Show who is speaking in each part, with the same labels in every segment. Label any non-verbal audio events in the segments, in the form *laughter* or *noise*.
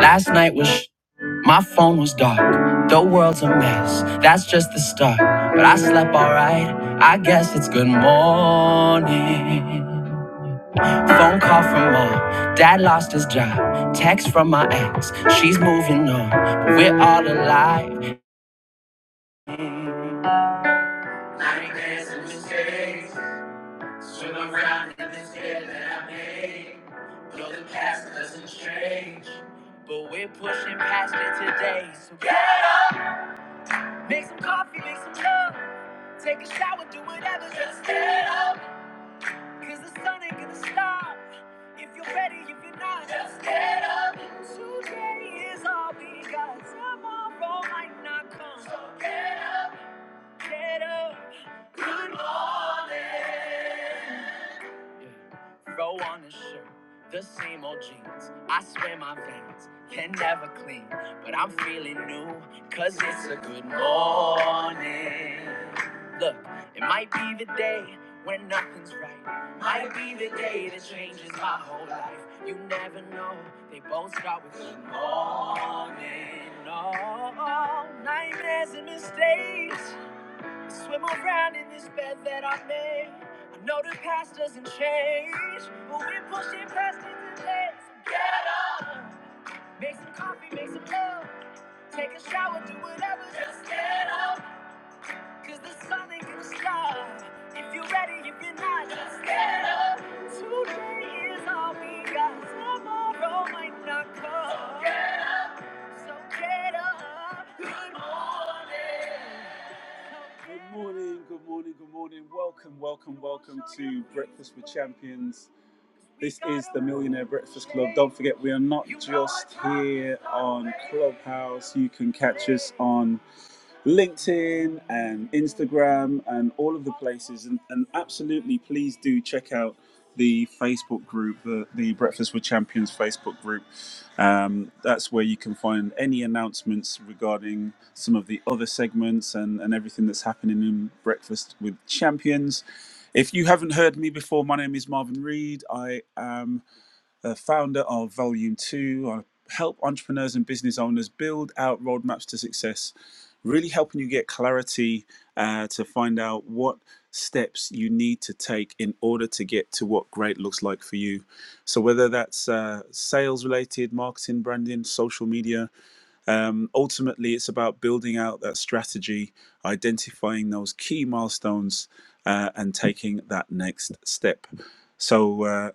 Speaker 1: Last night was my phone was dark. The world's a mess. That's just the start. But I slept alright. I guess it's good morning. Phone call from mom. Dad lost his job. Text from my ex. She's moving on. But we're all alive. Nightmares and mistakes. Swim around in this bed that I made. Though the past doesn't change. But we're pushing past it today. So get up. Make some coffee, make some love. Take a shower, do whatever, just get up. Cause the sun ain't gonna stop. If you're ready, if you're not, just get up. Today is all we got. Tomorrow might not come. So get up. Get up. Good morning. Yeah. Throw on a shirt, the same old jeans. I swear my veins can never clean, but I'm feeling new, cause it's a good morning. Look, it might be the day when nothing's right. Might be the day that changes my whole life. You never know, they both start with good morning. Oh, nightmares and mistakes. Swim around in this bed that I made. I know the past doesn't change, but we're pushing past it today. So get up, make some coffee, make some love, take a shower, do whatever. Just get up, cause the sun ain't gonna stop. If you're ready, if you're not, just get up. Today is all we got. Tomorrow might not come. So get up. Good morning. Good morning, good morning, good morning. Welcome, welcome, welcome to Breakfast with Champions. This is the Millionaire Breakfast Club. Don't forget, we are not just here on Clubhouse. You can catch us on LinkedIn and Instagram and all of the places. And, and absolutely, please do check out the Facebook group, the, the Breakfast with Champions Facebook group. Um, that's where you can find any announcements regarding some of the other segments and, and everything that's happening in Breakfast with Champions. If you haven't heard me before, my name is Marvin Reed. I am uh, founder of Volume 2. I help entrepreneurs and business owners build out roadmaps to success, really helping you get clarity uh, to find out what steps you need to take in order to get to what great looks like for you. So, whether that's uh, sales related, marketing, branding, social media, um, ultimately it's about building out that strategy, identifying those key milestones, uh, and taking that next step. So, uh,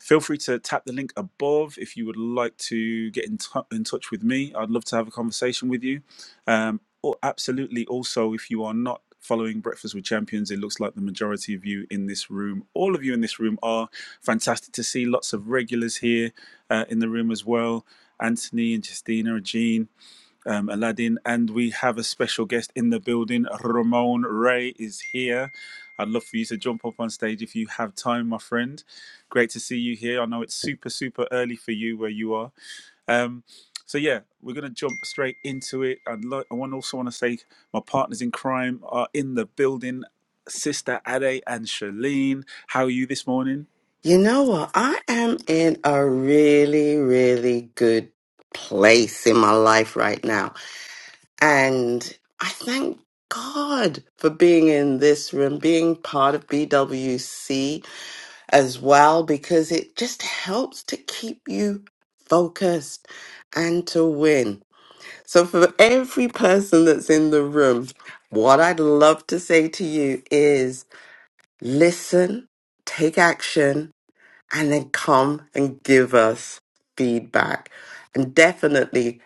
Speaker 1: Feel free to tap the link above if you would like to get in, tou in touch with me. I'd love to have a conversation with you. Um, or absolutely, also, if you are not following Breakfast with Champions, it looks like the majority of you in this room, all of you in this room, are fantastic to see. Lots of regulars here uh, in the room as well Anthony and Justina and Jean um, Aladdin, and we have a special guest in the building. Ramon Ray is here. I'd love for you to jump up on stage if you have time, my friend. Great to see you here. I know it's super, super early for you where you are. Um, so yeah, we're gonna jump straight into it. I'd like. I want also want to say my partners in crime are in the building. Sister Ade and Shalene, how are you this morning?
Speaker 2: You know what? I am in a really, really good place in my life right now. And I thank God for being in this room, being part of BWC as well, because it just helps to keep you focused and to win. So, for every person that's in the room, what I'd love to say to you is listen, take action and then come and give us feedback. And definitely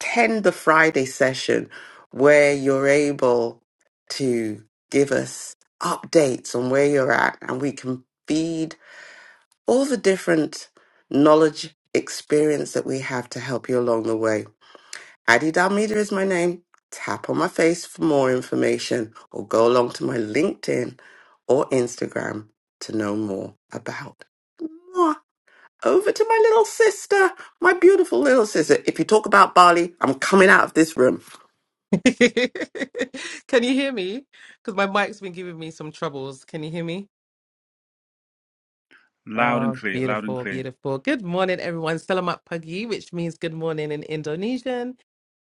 Speaker 2: attend the Friday session where you're able to give us updates on where you're at and we can feed all the different knowledge experience that we have to help you along the way. Addie Dalmeida is my name. Tap on my face for more information or go along to my LinkedIn or Instagram to know more about. Mwah over to my little sister, my beautiful little sister. If you talk about Bali, I'm coming out of this room.
Speaker 3: *laughs* Can you hear me? Because my mic's been giving me some troubles. Can you hear me?
Speaker 1: Loud and
Speaker 3: Oh,
Speaker 1: clear, loud and
Speaker 3: beautiful,
Speaker 1: clear.
Speaker 3: beautiful. Good morning, everyone. Selamat pagi, which means good morning in Indonesian.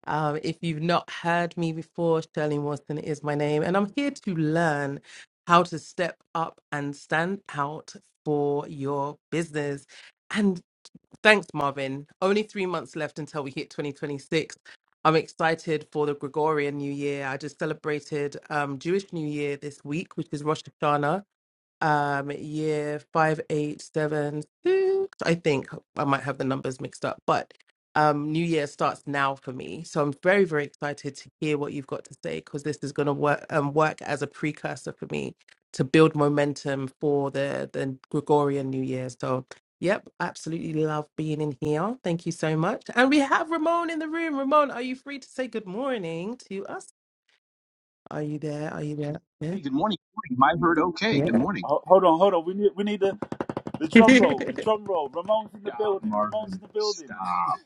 Speaker 3: Um, if you've not heard me before, Shirley Watson is my name, and I'm here to learn how to step up and stand out for your business. Thanks, Marvin. Only three months left until we hit 2026. I'm excited for the Gregorian New Year. I just celebrated um, Jewish New Year this week, which is Rosh Hashanah. Um, year five, eight, seven, six. I think I might have the numbers mixed up, but um, New Year starts now for me, so I'm very, very excited to hear what you've got to say because this is going to work um, work as a precursor for me to build momentum for the the Gregorian New Year. So, yep, absolutely love being in here. Thank you so much, and we have Ramon in the room. Ramon, are you free to say good morning to us? Are you there? Are you there? Yeah.
Speaker 4: Hey, good morning. Good morning. My heard okay. Good morning.
Speaker 1: Ho- Hold on, hold on. We need we need the the drum
Speaker 3: Yeah.
Speaker 1: roll.
Speaker 3: *laughs*
Speaker 1: The drum roll. Ramon's in the
Speaker 4: Stop,
Speaker 1: building. Ramon's
Speaker 4: Marvin.
Speaker 1: in the building. *laughs*
Speaker 4: Stop.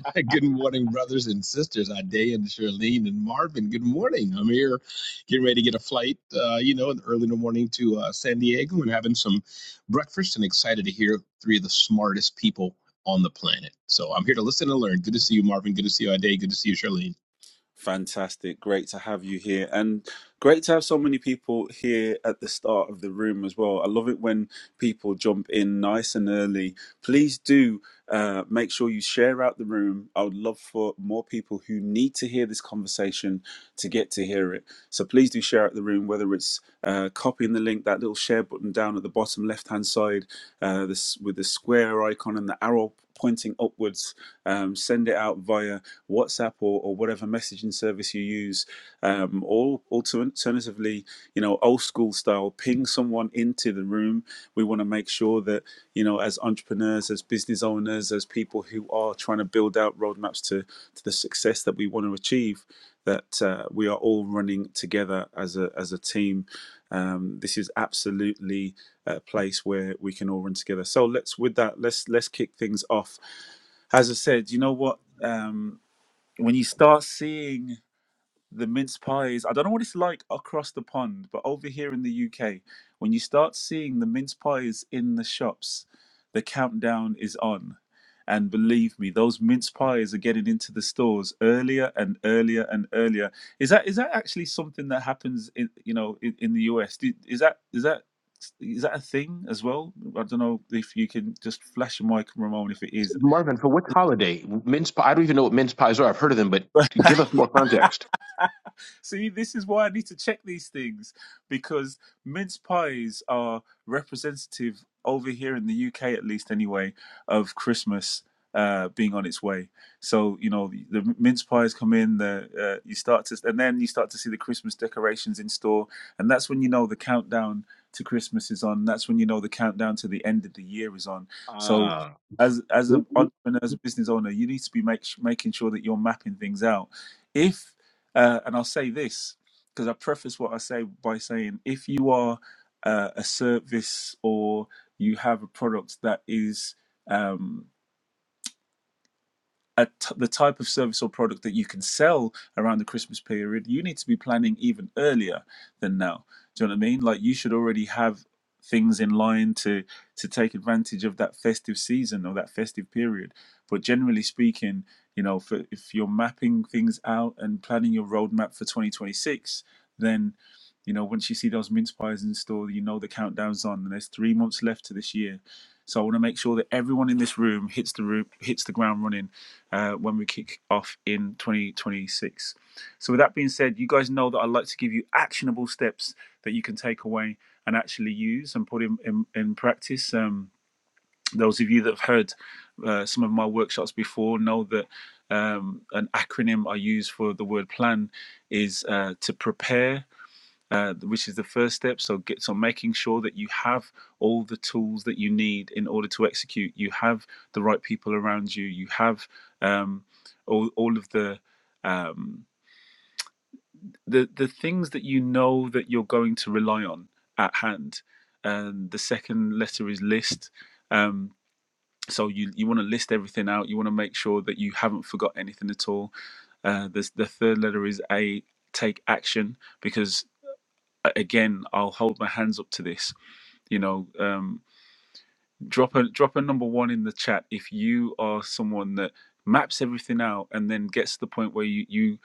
Speaker 4: *laughs* Good morning, brothers and sisters. Idea and Charlene and Marvin. Good morning. I'm here getting ready to get a flight, uh, you know, early in the morning to uh, San Diego and having some breakfast and excited to hear three of the smartest people on the planet. So I'm here to listen and learn. Good to see you, Marvin. Good to see you, Idea. Good to see you, Charlene.
Speaker 1: Fantastic. Great to have you here. And great to have so many people here at the start of the room as well. I love it when people jump in nice and early. Please do uh, make sure you share out the room. I would love for more people who need to hear this conversation to get to hear it. So please do share out the room, whether it's uh, copying the link, that little share button down at the bottom left hand side uh, this, with the square icon and the arrow pointing upwards. Um, send it out via WhatsApp or, or whatever messaging service you use. Um, or alternatively, you know, old school style, ping someone into the room. We want to make sure that, you know, as entrepreneurs, as business owners, as people who are trying to build out roadmaps to, to the success that we want to achieve, that uh, we are all running together as a, as a team um, this is absolutely a place where we can all run together. So let's with that let's let's kick things off. As I said, you know what? Um, when you start seeing the mince pies. I don't know what it's like across the pond, but over here in the UK, when you start seeing the mince pies in the shops, the countdown is on. And believe me, those mince pies are getting into the stores earlier and earlier and earlier. Is that is that actually something that happens in you know in, in the US? Do, is that is that is that a thing as well? I don't know if you can just flash your mic, Ramon, if it is.
Speaker 4: Marvin, for what holiday? Mince pie. I don't even know what mince pies are. I've heard of them, but give us more context.
Speaker 1: See, this is why I need to check these things because mince pies are representative over here in the UK, at least anyway, of Christmas uh, being on its way. So you know the, the mince pies come in, the uh, you start to, and then you start to see the Christmas decorations in store, and that's when you know the countdown to Christmas is on. That's when you know the countdown to the end of the year is on. So.
Speaker 4: Uh,
Speaker 1: As, as
Speaker 4: w-
Speaker 1: an
Speaker 4: w-
Speaker 1: entrepreneur, as a business owner, you need to be make, making sure that you're mapping things out. If uh, and I'll say this because I preface what I say by saying if you are uh, a service or you have a product that is. Um, a t- the type of service or product that you can sell around the Christmas period, you need to be planning even earlier than now. Do you know what I mean? Like you should already have things in line to to take advantage of that festive season or that festive period. But generally speaking, you know, for, if you're mapping things out and planning your roadmap for 2026, then you know once you see those mince pies in store, you know the countdown's on, and there's three months left to this year. So I want to make sure that everyone in this room hits the room, hits the ground running uh, when we kick off in 2026. So, with that being said, you guys know that I like to give you actionable steps that you can take away and actually use and put in, in, in practice. Um, those of you that have heard uh, some of my workshops before know that um, an acronym I use for the word plan is uh, to prepare, uh, which is the first step. So, get, so making sure that you have all the tools that you need in order to execute. You have the right people around you. You have um, all all of the um, the the things that you know that you're going to rely on at hand. And the second letter is list. Um, so you you want to list everything out. You want to make sure that you haven't forgot anything at all. Uh, the the third letter is a take action because again, I'll hold my hands up to this. You know, um, drop a drop a number one in the chat if you are someone that maps everything out and then gets to the point where you you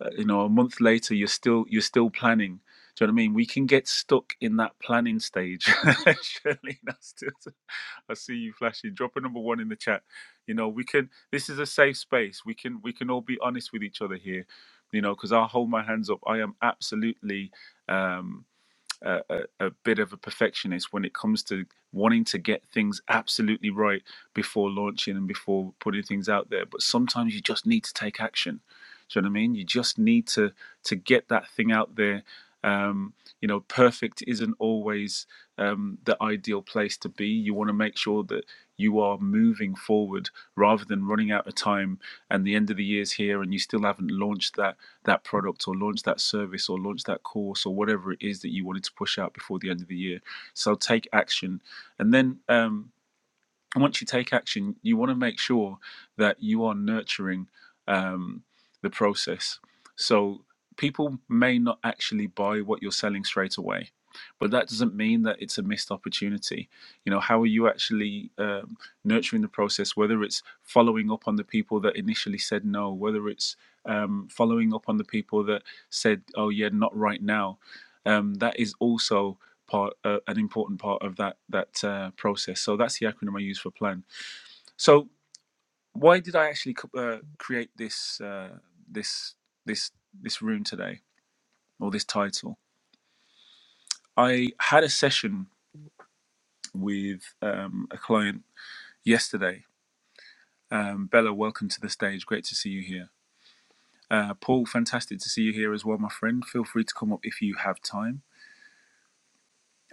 Speaker 1: uh, you know a month later you're still you're still planning. Do you know what I mean? We can get stuck in that planning stage. *laughs* Shirley, that's just, I see you flashing. Drop a number one in the chat. You know, we can. This is a safe space. We can we can all be honest with each other here. You know, because I'll hold my hands up. I am absolutely. Um, a, a, a bit of a perfectionist when it comes to wanting to get things absolutely right before launching and before putting things out there. But sometimes you just need to take action. Do you know what I mean? You just need to to get that thing out there. Um, you know, perfect isn't always um, the ideal place to be. You want to make sure that you are moving forward rather than running out of time and the end of the year's here and you still haven't launched that that product or launch that service or launch that course or whatever it is that you wanted to push out before the end of the year. So take action, and then. Um, and once you take action, you want to make sure that you are nurturing um, the process. So people may not actually buy what you're selling straight away, but that doesn't mean that it's a missed opportunity. You know, how are you actually um, nurturing the process? Whether it's following up on the people that initially said no, whether it's um, following up on the people that said, "Oh yeah, not right now," um, that is also part, uh, an important part of that that uh, process. So that's the acronym I use for plan. So why did I actually uh, create this uh, this this this room today or this title? I had a session with um, a client yesterday. Um, Bella, welcome to the stage. Great to see you here. Uh, Paul, fantastic to see you here as well, my friend. Feel free to come up if you have time.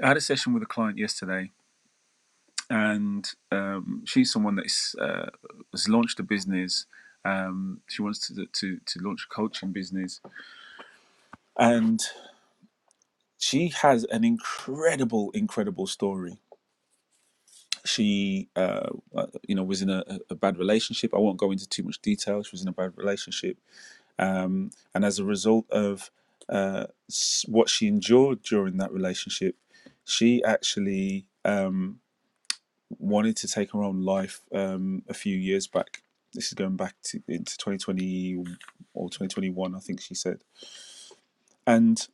Speaker 1: I had a session with a client yesterday and um, she's someone that is, uh, has launched a business. Um, she wants to, to to launch a coaching business, and she has an incredible, incredible story. She, uh, uh, you know, was in a, a bad relationship. I won't go into too much detail. She was in a bad relationship, um, and as a result of uh, what she endured during that relationship, she actually. Um, wanted to take her own life um, a few years back. This is going back to, into 2020 or 2021, I think she said. And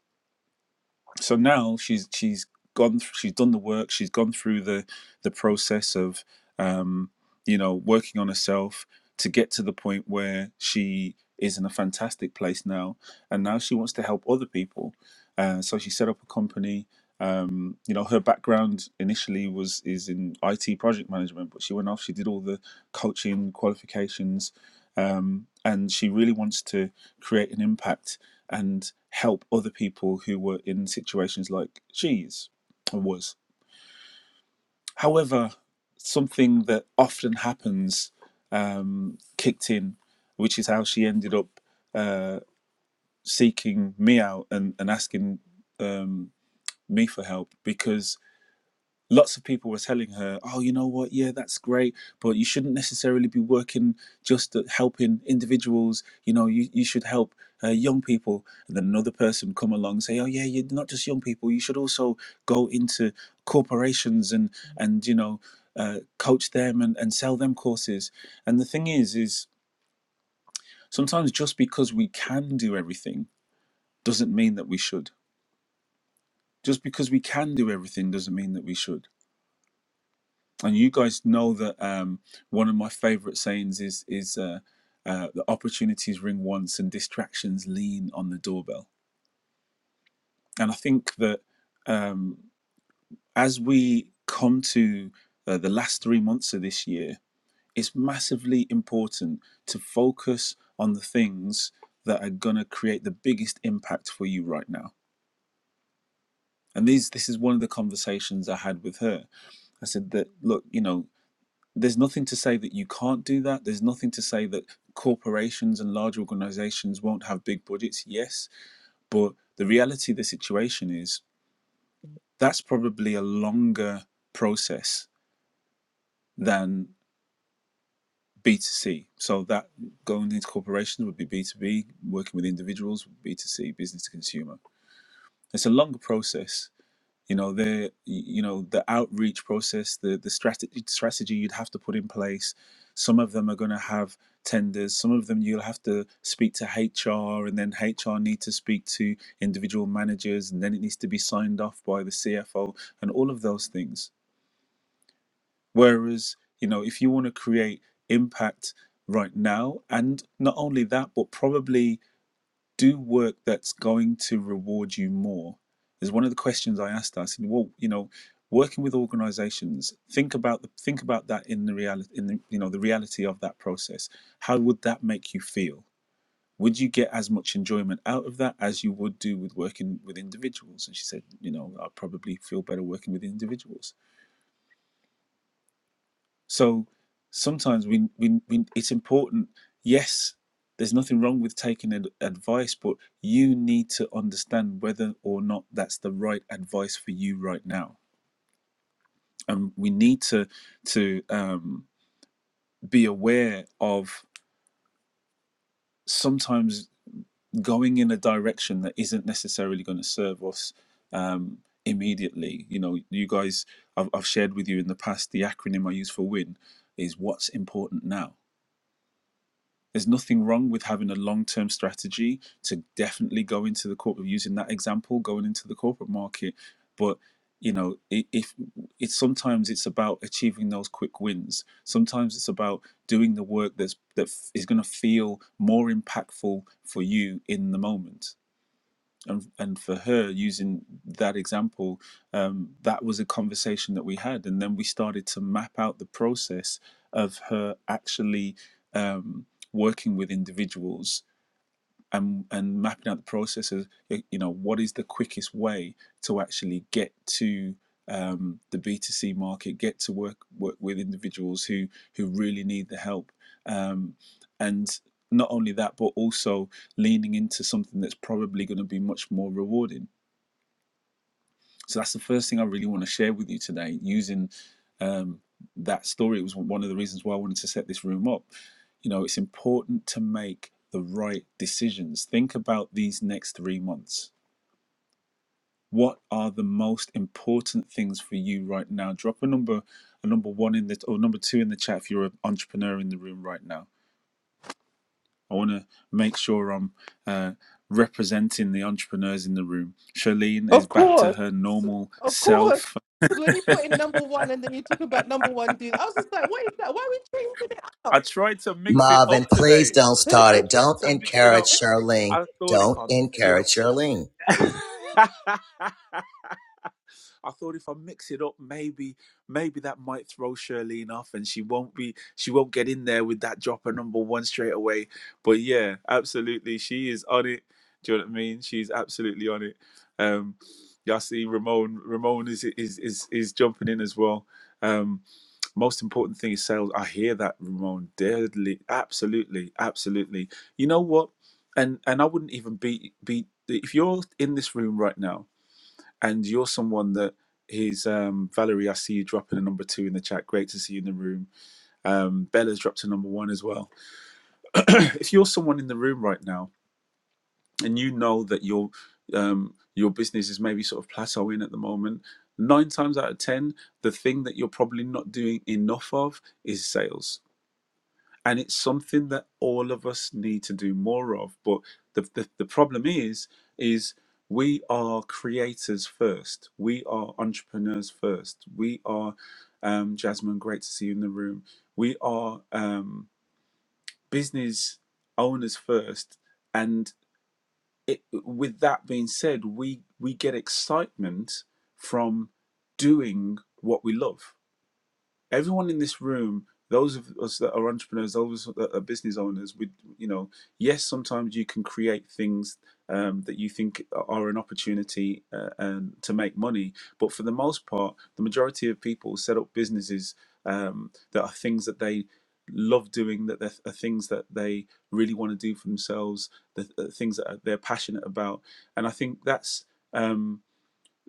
Speaker 1: so now she's she's gone th- she's done the work she's gone through the the process of um you know working on herself to get to the point where she is in a fantastic place now and now she wants to help other people uh, so she set up a company um, you know her background initially was is in IT project management but she went off she did all the coaching qualifications um, and she really wants to create an impact and help other people who were in situations like she's or was. However, something that often happens um, kicked in, which is how she ended up uh, seeking me out and, and asking um, me for help because lots of people were telling her, "Oh, you know what? Yeah, that's great, but you shouldn't necessarily be working just at helping individuals. You know, you you should help uh, young people." And then another person come along and say, "Oh, yeah, you're not just young people. You should also go into corporations and and you know, uh, coach them and and sell them courses." And the thing is, is sometimes just because we can do everything doesn't mean that we should. Just because we can do everything doesn't mean that we should and you guys know that um, one of my favorite sayings is is uh, uh, the opportunities ring once and distractions lean on the doorbell. And I think that um, as we come to uh, the last three months of this year, it's massively important to focus on the things that are going to create the biggest impact for you right now. And these, this is one of the conversations I had with her. I said that, look, you know, there's nothing to say that you can't do that. There's nothing to say that corporations and large organizations won't have big budgets. Yes. But the reality of the situation is that's probably a longer process than B2C. So that going into corporations would be B2B, working with individuals would be B2C, business to consumer. It's a longer process you know the you know the outreach process the the strategy strategy you'd have to put in place some of them are going to have tenders some of them you'll have to speak to hr and then hr need to speak to individual managers and then it needs to be signed off by the cfo and all of those things whereas you know if you want to create impact right now and not only that but probably do work that's going to reward you more is one of the questions I asked her. I said, well, you know, working with organizations, think about the, think about that in the reality in the you know the reality of that process. How would that make you feel? Would you get as much enjoyment out of that as you would do with working with individuals? And she said, you know, I probably feel better working with individuals. So sometimes we, we, we it's important. Yes, there's nothing wrong with taking ad- advice, but you need to understand whether or not that's the right advice for you right now. And we need to to um, be aware of sometimes going in a direction that isn't necessarily going to serve us um, immediately. You know, you guys, I've, I've shared with you in the past the acronym I use for WIN is what's important now There's nothing wrong with having a long term strategy to definitely go into the corporate, using that example, going into the corporate market. But, you know, i- if it's sometimes it's about achieving those quick wins, sometimes it's about doing the work that's that f- is going to feel more impactful for you in the moment and and for her using that example um, that was a conversation that we had and then we started to map out the process of her actually um, working with individuals and and mapping out the processes you know what is the quickest way to actually get to um, the b2c market get to work work with individuals who who really need the help um, and not only that but also leaning into something that's probably going to be much more rewarding so that's the first thing I really want to share with you today. Using um, that story, it was one of the reasons why I wanted to set this room up. You know, it's important to make the right decisions. Think about these next three months. What are the most important things for you right now? Drop a number, a number one in the or number two in the chat if you're an entrepreneur in the room right now. I want to make sure I'm uh, representing the entrepreneurs in the room. Charlene is
Speaker 3: Of
Speaker 1: back to
Speaker 3: course,
Speaker 1: her normal
Speaker 3: of course.
Speaker 1: self.
Speaker 3: Because when you put in number one and then you talk about number one dude, I was just like, what is that? Why are we changing it up?
Speaker 1: I tried to mix it
Speaker 5: Marvin,
Speaker 1: up
Speaker 5: please
Speaker 1: today.
Speaker 5: don't
Speaker 3: *laughs*
Speaker 5: start
Speaker 1: I
Speaker 5: it.
Speaker 1: tried
Speaker 5: Don't
Speaker 1: to mix it
Speaker 5: encourage
Speaker 1: up.
Speaker 5: Charlene.
Speaker 1: I thought if
Speaker 5: Don't
Speaker 1: I mix it up.
Speaker 5: encourage Charlene.
Speaker 1: *laughs* I thought if I mix it up, maybe maybe that might throw Shirlene off, and she won't be she won't get in there with that drop of number one straight away. But yeah, absolutely, she is on it. Do you know what I mean? She's absolutely on it. Um, yeah, I see Ramon. Ramon is is is is jumping in as well. Um, most important thing is sales. I hear that, Ramon. Deadly, absolutely, absolutely. You know what? And and I wouldn't even beat beat if you're in this room right now and you're someone that is um, Valerie. I see you dropping a number two in the chat. Great to see you in the room. Um, Bella's dropped a number one as well. *clears throat* if you're someone in the room right now and you know that your um, your business is maybe sort of plateauing at the moment, nine times out of ten, the thing that you're probably not doing enough of is sales and it's something that all of us need to do more of but the, the, the problem is is we are creators first we are entrepreneurs first we are um, jasmine great to see you in the room we are um, business owners first and it, with that being said we we get excitement from doing what we love everyone in this room those of us that are entrepreneurs those of us that are business owners we you know yes sometimes you can create things um, that you think are an opportunity uh, and to make money but for the most part the majority of people set up businesses um, that are things that they love doing that they're- are things that they really want to do for themselves the, the things that are- they're passionate about and i think that's um,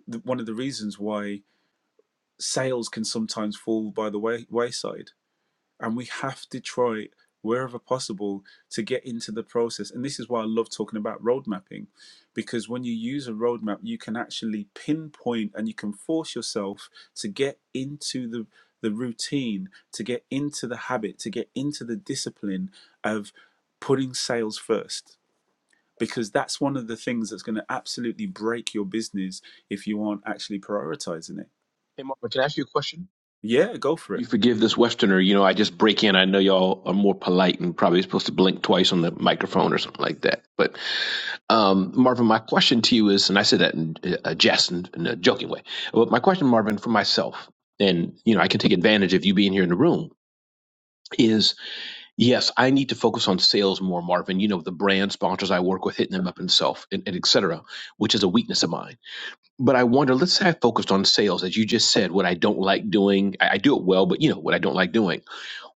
Speaker 1: the, one of the reasons why sales can sometimes fall by the way, wayside and we have to try wherever possible to get into the process and this is why i love talking about road mapping because when you use a roadmap you can actually pinpoint and you can force yourself to get into the the routine to get into the habit to get into the discipline of putting sales first because that's one of the things that's going to absolutely break your business if you aren't actually prioritizing it
Speaker 4: hey, Marvin, can I ask you a question?
Speaker 1: yeah go for it
Speaker 4: You forgive this Westerner, you know, I just break in. I know y'all are more polite and probably supposed to blink twice on microphone or something like that. But um, Marvin, my question to you is, and I said that in a jest and in a joking way, but my question, Marvin, for myself, and you know, I can take advantage of you being here in the room. Is yes, I need to focus on sales more, Marvin. You know, the brand sponsors I work with, hitting them up himself, and, and et cetera, which is a weakness of mine. But I wonder, let's say I focused on sales, as you just said, what I don't like doing. I, I do it well, but you know what I don't like doing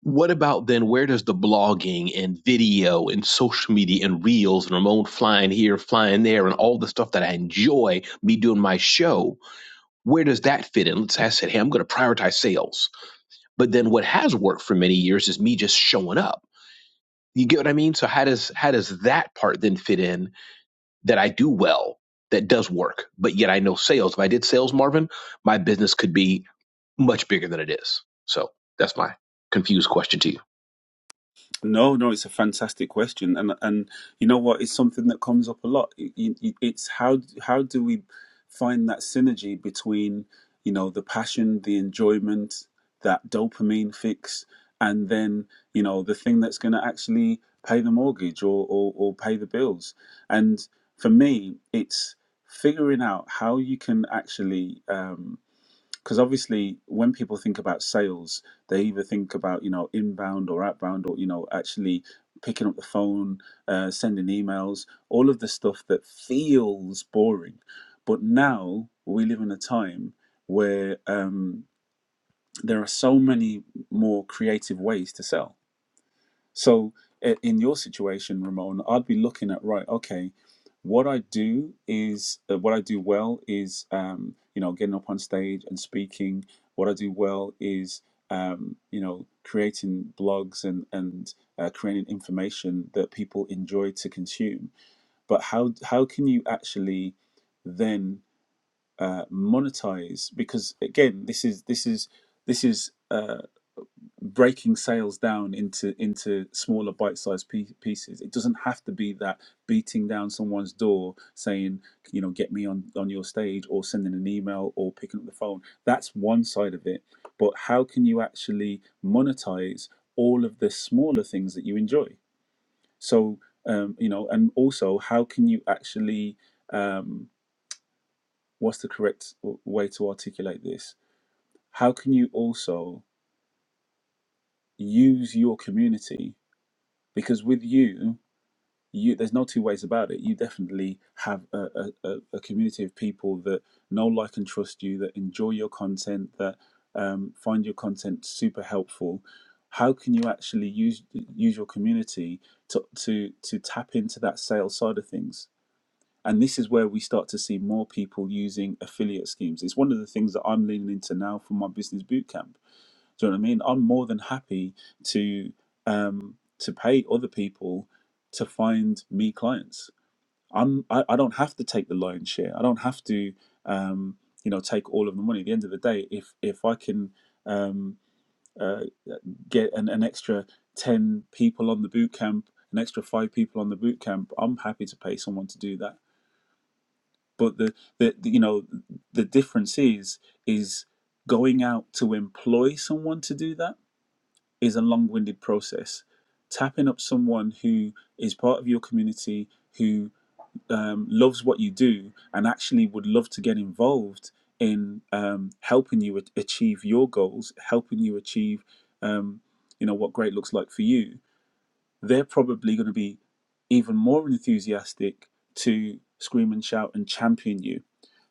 Speaker 4: what about then where does the blogging and video and social media and reels and Ramon flying here, flying there, and all the stuff that I enjoy me doing my show? Where does that fit in? Let's I said, hey, I'm going to prioritize sales. But then what has worked for many years is me just showing up. You get what I mean? So how does how does that part then fit in that I do well, that does work, but yet I know sales. If I did sales, Marvin, my business could be much bigger than it is. So that's my confused question to you.
Speaker 1: No, no, it's a fantastic question, and and you know what, it's something that comes up a lot. It, it, it's how how do we find that synergy between you know the passion, the enjoyment, that dopamine fix, and then you know the thing that's going to actually pay the mortgage or, or or pay the bills. And for me, it's figuring out how you can actually. um, because obviously when people think about sales they either think about you know inbound or outbound or you know actually picking up the phone uh, sending emails all of the stuff that feels boring but now we live in a time where um, there are so many more creative ways to sell so, i- in your situation, Ramon, I'd be looking at right. Okay, what I do is uh, what I do well is um, you know getting up on stage and speaking. What I do well is um, you know creating blogs and and uh, creating information that people enjoy to consume. But how how can you actually then uh, monetize? Because again, this is this is this is. Uh, breaking sales down into into smaller bite-sized pie- pieces it doesn't have to be that beating down someone's door saying you know get me on on your stage or sending an email or picking up the phone that's one side of it but how can you actually monetize all of the smaller things that you enjoy so um you know and also how can you actually um what's the correct w- way to articulate this how can you also use your community because with you you there's no two ways about it you definitely have a, a, a community of people that know like and trust you that enjoy your content that um, find your content super helpful how can you actually use use your community to to to tap into that sales side of things and this is where we start to see more people using affiliate schemes. It's one of the things that I'm leaning into now for my business bootcamp. Do you know what I mean? I'm more than happy to um, to pay other people to find me clients. I'm I, I don't have to take the lion's share. I don't have to um, you know take all of the money. At the end of the day, if if I can um, uh, get an, an extra ten people on the bootcamp, an extra five people on the bootcamp, I'm happy to pay someone to do that but the, the the- you know the difference is is going out to employ someone to do that is a long-winded process tapping up someone who is part of your community who um, loves what you do and actually would love to get involved in um, helping you achieve your goals helping you achieve um, you know what great looks like for you they're probably going to be even more enthusiastic to scream and shout and champion you.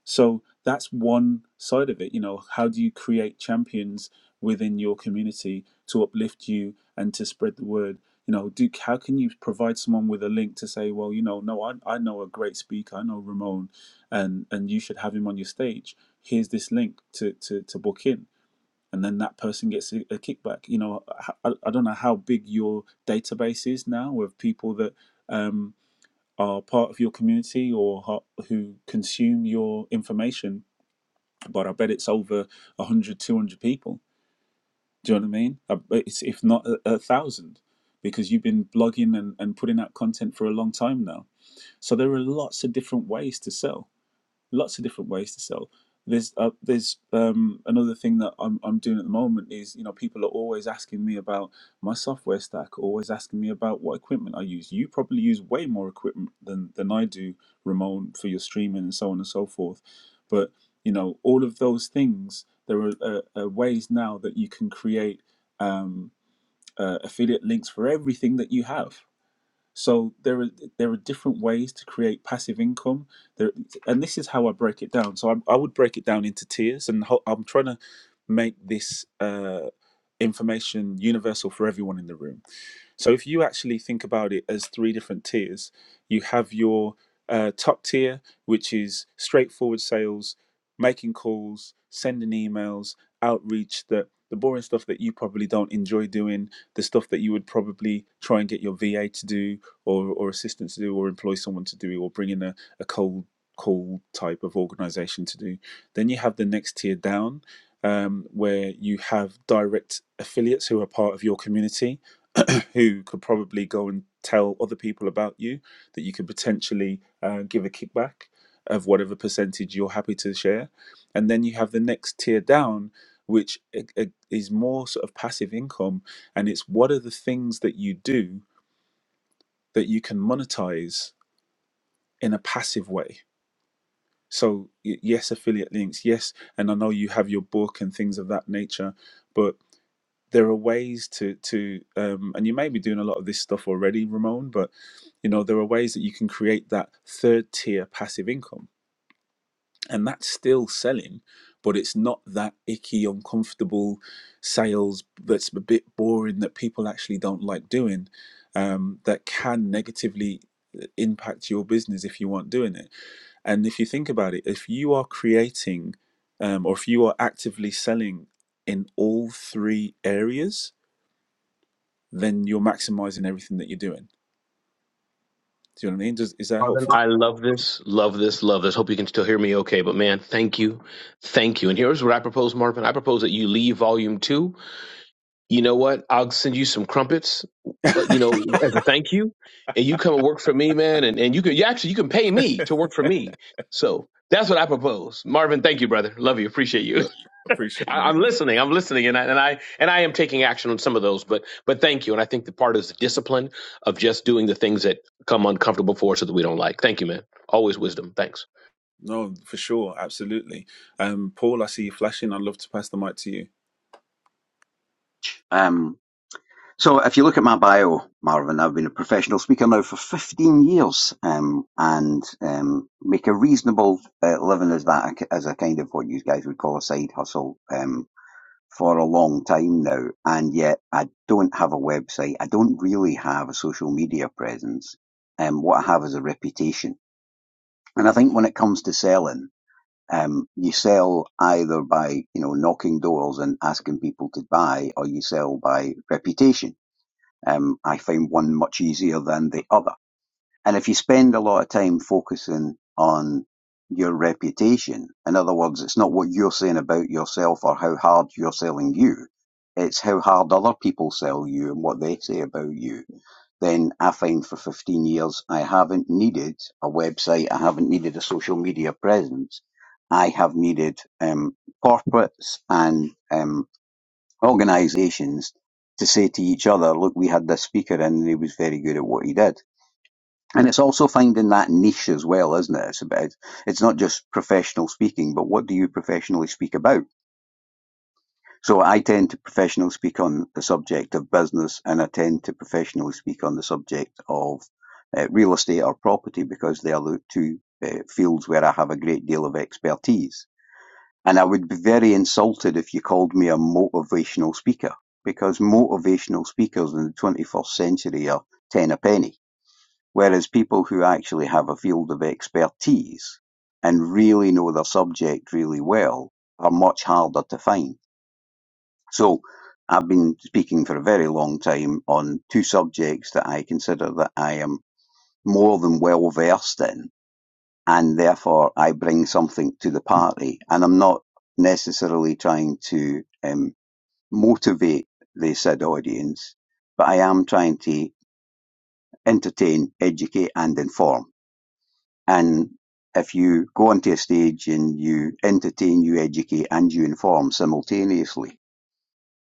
Speaker 1: So that's one side of it. You know, how do you create champions within your community to uplift you and to spread the word? You know, do, how can you provide someone with a link to say, well, you know, no, I, I know a great speaker, I know Ramon, and and you should have him on your stage. Here's this link to to, to book in and then that person gets a, a kickback. You know, I, I don't know how big your database is now of people that um, are part of your community or who consume your information, but I bet it's over 100, 200 people. Do you know what I mean? I bet It's, if not a, a thousand, because you've been blogging and, and putting out content for a long time now. So there are lots of different ways to sell lots of different ways to sell. There's uh, there's um, another thing that I'm I'm doing at the moment is you know people are always asking me about my software stack, always asking me about what equipment I use. You probably use way more equipment than than I do, Ramon, for your streaming and so on and so forth. But you know all of those things. There are uh, uh, ways now that you can create um, uh, affiliate links for everything that you have so there are there are different ways to create passive income. There, and this is how I break it down. So I, I would break it down into tiers, and ho- I'm trying to make this uh, information universal for everyone in the room. So if you actually think about it as three different tiers, you have your uh, top tier, which is straightforward sales, making calls, sending emails, outreach that the boring stuff that you probably don't enjoy doing, the stuff that you would probably try and get your VA to do or, or assistant to do or employ someone to do or bring in a, a cold call type of organization to do. Then you have the next tier down um, where you have direct affiliates who are part of your community *clears throat* who could probably go and tell other people about you that you could potentially uh, give a kickback of whatever percentage you're happy to share. And then you have the next tier down, which i- i- is more sort of passive income. And it's what are the things that you do that you can monetize in a passive way? So, y- yes, affiliate links, yes. And I know you have your book and things of that nature. but. there are ways to to um, and you may be doing a lot of this stuff already ramon but you know there are ways that you can create that third tier passive income and that's still selling but it's not that icky uncomfortable sales that's a bit boring that people actually don't like doing um, that can negatively uh, impact your business if you weren't doing it and if you think about it if you are creating um, or if you are actively selling in all three areas then you're maximizing everything that you're doing. Do you know what I mean? Does, is that
Speaker 4: Marvin,
Speaker 1: helpful?
Speaker 4: I love this, love this, love this. Hope you can still hear me okay. But man, thank you. Thank you. And here's what I propose, Marvin. I propose that you leave volume two. You know what? I'll send you some crumpets, uh, you know, as a thank you. And you come and work for me, man. And, and you can, you actually, you can pay me to work for me. So that's what I propose. Marvin, thank you, brother. Love you. Appreciate you. *laughs*
Speaker 1: No, appreciate
Speaker 4: I,
Speaker 1: you.
Speaker 4: I'm
Speaker 1: Brian.
Speaker 4: listening. I'm listening, and I, and I and I am taking action on some of those. But but thank you, and I think the part is the discipline of just doing the things that come uncomfortable for us so that we don't like. Thank you, man. Always wisdom. Thanks.
Speaker 1: No, for sure, absolutely. Um, Paul, I see you flashing. I'd love to pass the mic to you.
Speaker 6: Um, so if you look at my bio, Marvin, I've been a professional speaker now for 15 years, um, and um, make a reasonable uh, living as that, as a kind of what you guys would call a side hustle, um, for a long time now. And yet I don't have a website. I don't really have a social media presence. Um, what I have is a reputation. And I think when it comes to selling, um, you sell either by, you know, knocking doors and asking people to buy, or you sell by reputation um, I find one much easier than the other. And if you spend a lot of time focusing on your reputation, in other words, it's not what you're saying about yourself or how hard you're selling you, it's how hard other people sell you and what they say about you. Then I find for 15 years, I haven't needed a website, I haven't needed a social media presence. I have needed um, corporates and um, organisations to say to each other, look, we had this speaker in and he was very good at what he did. And it's also finding that niche as well, isn't it? It's about, it's not just professional speaking, but what do you professionally speak about? So I tend to professionally speak on the subject of business and I tend to professionally speak on the subject of uh, real estate or property because they are the two uh, fields where I have a great deal of expertise. And I would be very insulted if you called me a motivational speaker, because motivational speakers in the 21st century are ten a penny. Whereas people who actually have a field of expertise and really know their subject really well are much harder to find. So I've been speaking for a very long time on two subjects that I consider that I am more than well versed in and therefore I bring something to the party. And I'm not necessarily trying to um, motivate the said audience, but I am trying to entertain, educate, and inform. And if you go onto a stage and you entertain, you educate, and you inform simultaneously,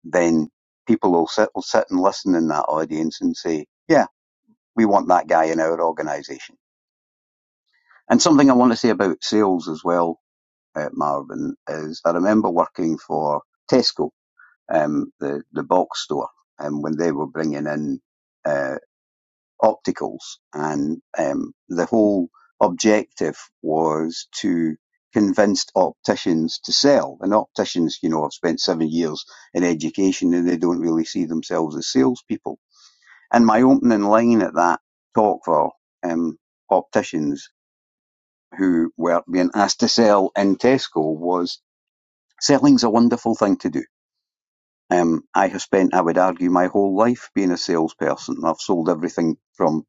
Speaker 6: then people will sit, will sit and listen in that audience and say, yeah, we want that guy in our organisation. And something I want to say about sales as well uh, Marvin, is I remember working for Tesco, um, the the box store, um, when they were bringing in uh, opticals, and um, the whole objective was to convince opticians to sell. And opticians, you know, have spent seven years in education, and they don't really see themselves as salespeople. And my opening line at that talk for um, opticians who were being asked to sell in Tesco was Selling's a wonderful thing to do. Um, I have spent, I would argue, my whole life being a salesperson. I've sold everything from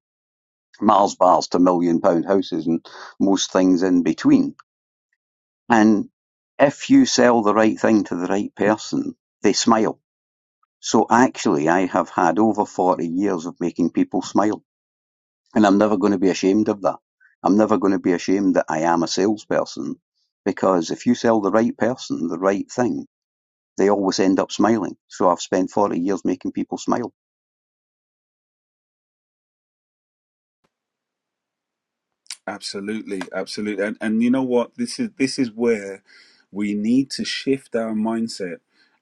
Speaker 6: Mars bars to million pound houses and most things in between. And if you sell the right thing to the right person, they smile. So actually, I have had over 40 years of making people smile. And I'm never going to be ashamed of that. I'm never going to be ashamed that I am a salesperson because if you sell the right person the right thing, they always end up smiling. So I've spent 40 years making people smile.
Speaker 1: Absolutely, absolutely. And and you know what? This is this is where we need to shift our mindset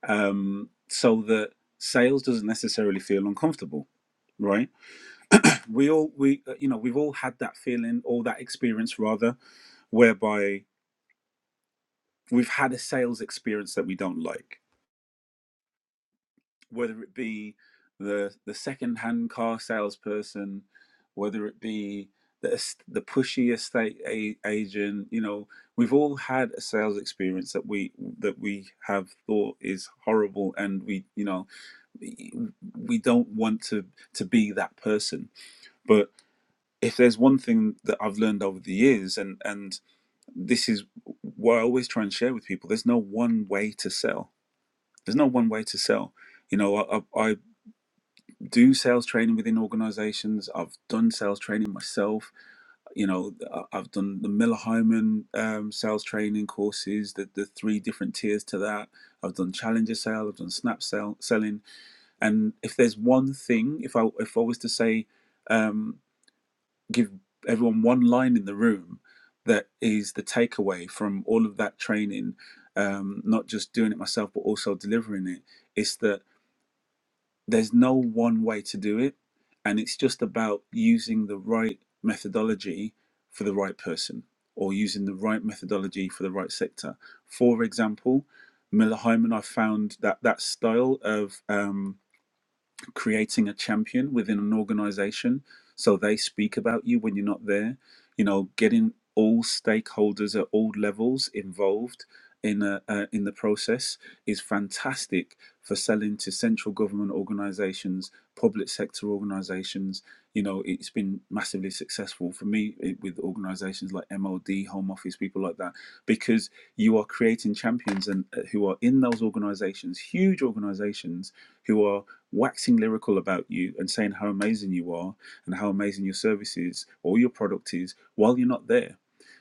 Speaker 1: um, so that sales doesn't necessarily feel uncomfortable. Right? We all we uh, you know we've all had that feeling or that experience rather, whereby we've had a sales experience that we don't like whether it be the the second-hand car salesperson, whether it be the the pushy estate a- agent, you know, we've all had a sales experience that we that we have thought is horrible, and we you know we don't want to to be that person. But if there's one thing that I've learned over the years, and and this is what I always try and share with people, there's no one way to sell. There's no one way to sell. You know, I, I do sales training within organizations. I've done sales training myself. You know, I- I've done the Miller Hyman um, sales training courses, the, the three different tiers to that. I've done Challenger Sale, I've done Snap Sale selling. And if there's one thing, if I if I was to say, um, give everyone one line in the room that is the takeaway from all of that training, um, not just doing it myself but also delivering it, it's that there's no one way to do it and it's just about using the right methodology for the right person or using the right methodology for the right sector for example miller hyman i found that that style of um, creating a champion within an organization so they speak about you when you're not there you know getting all stakeholders at all levels involved in a uh, in the process is fantastic for selling to central government organizations public sector organizations you know it's been massively successful for me it, with organizations like MOD, home office people like that because you are creating champions and uh, who are in those organizations huge organizations who are waxing lyrical about you and saying how amazing you are and how amazing your service is or your product is while you're not there.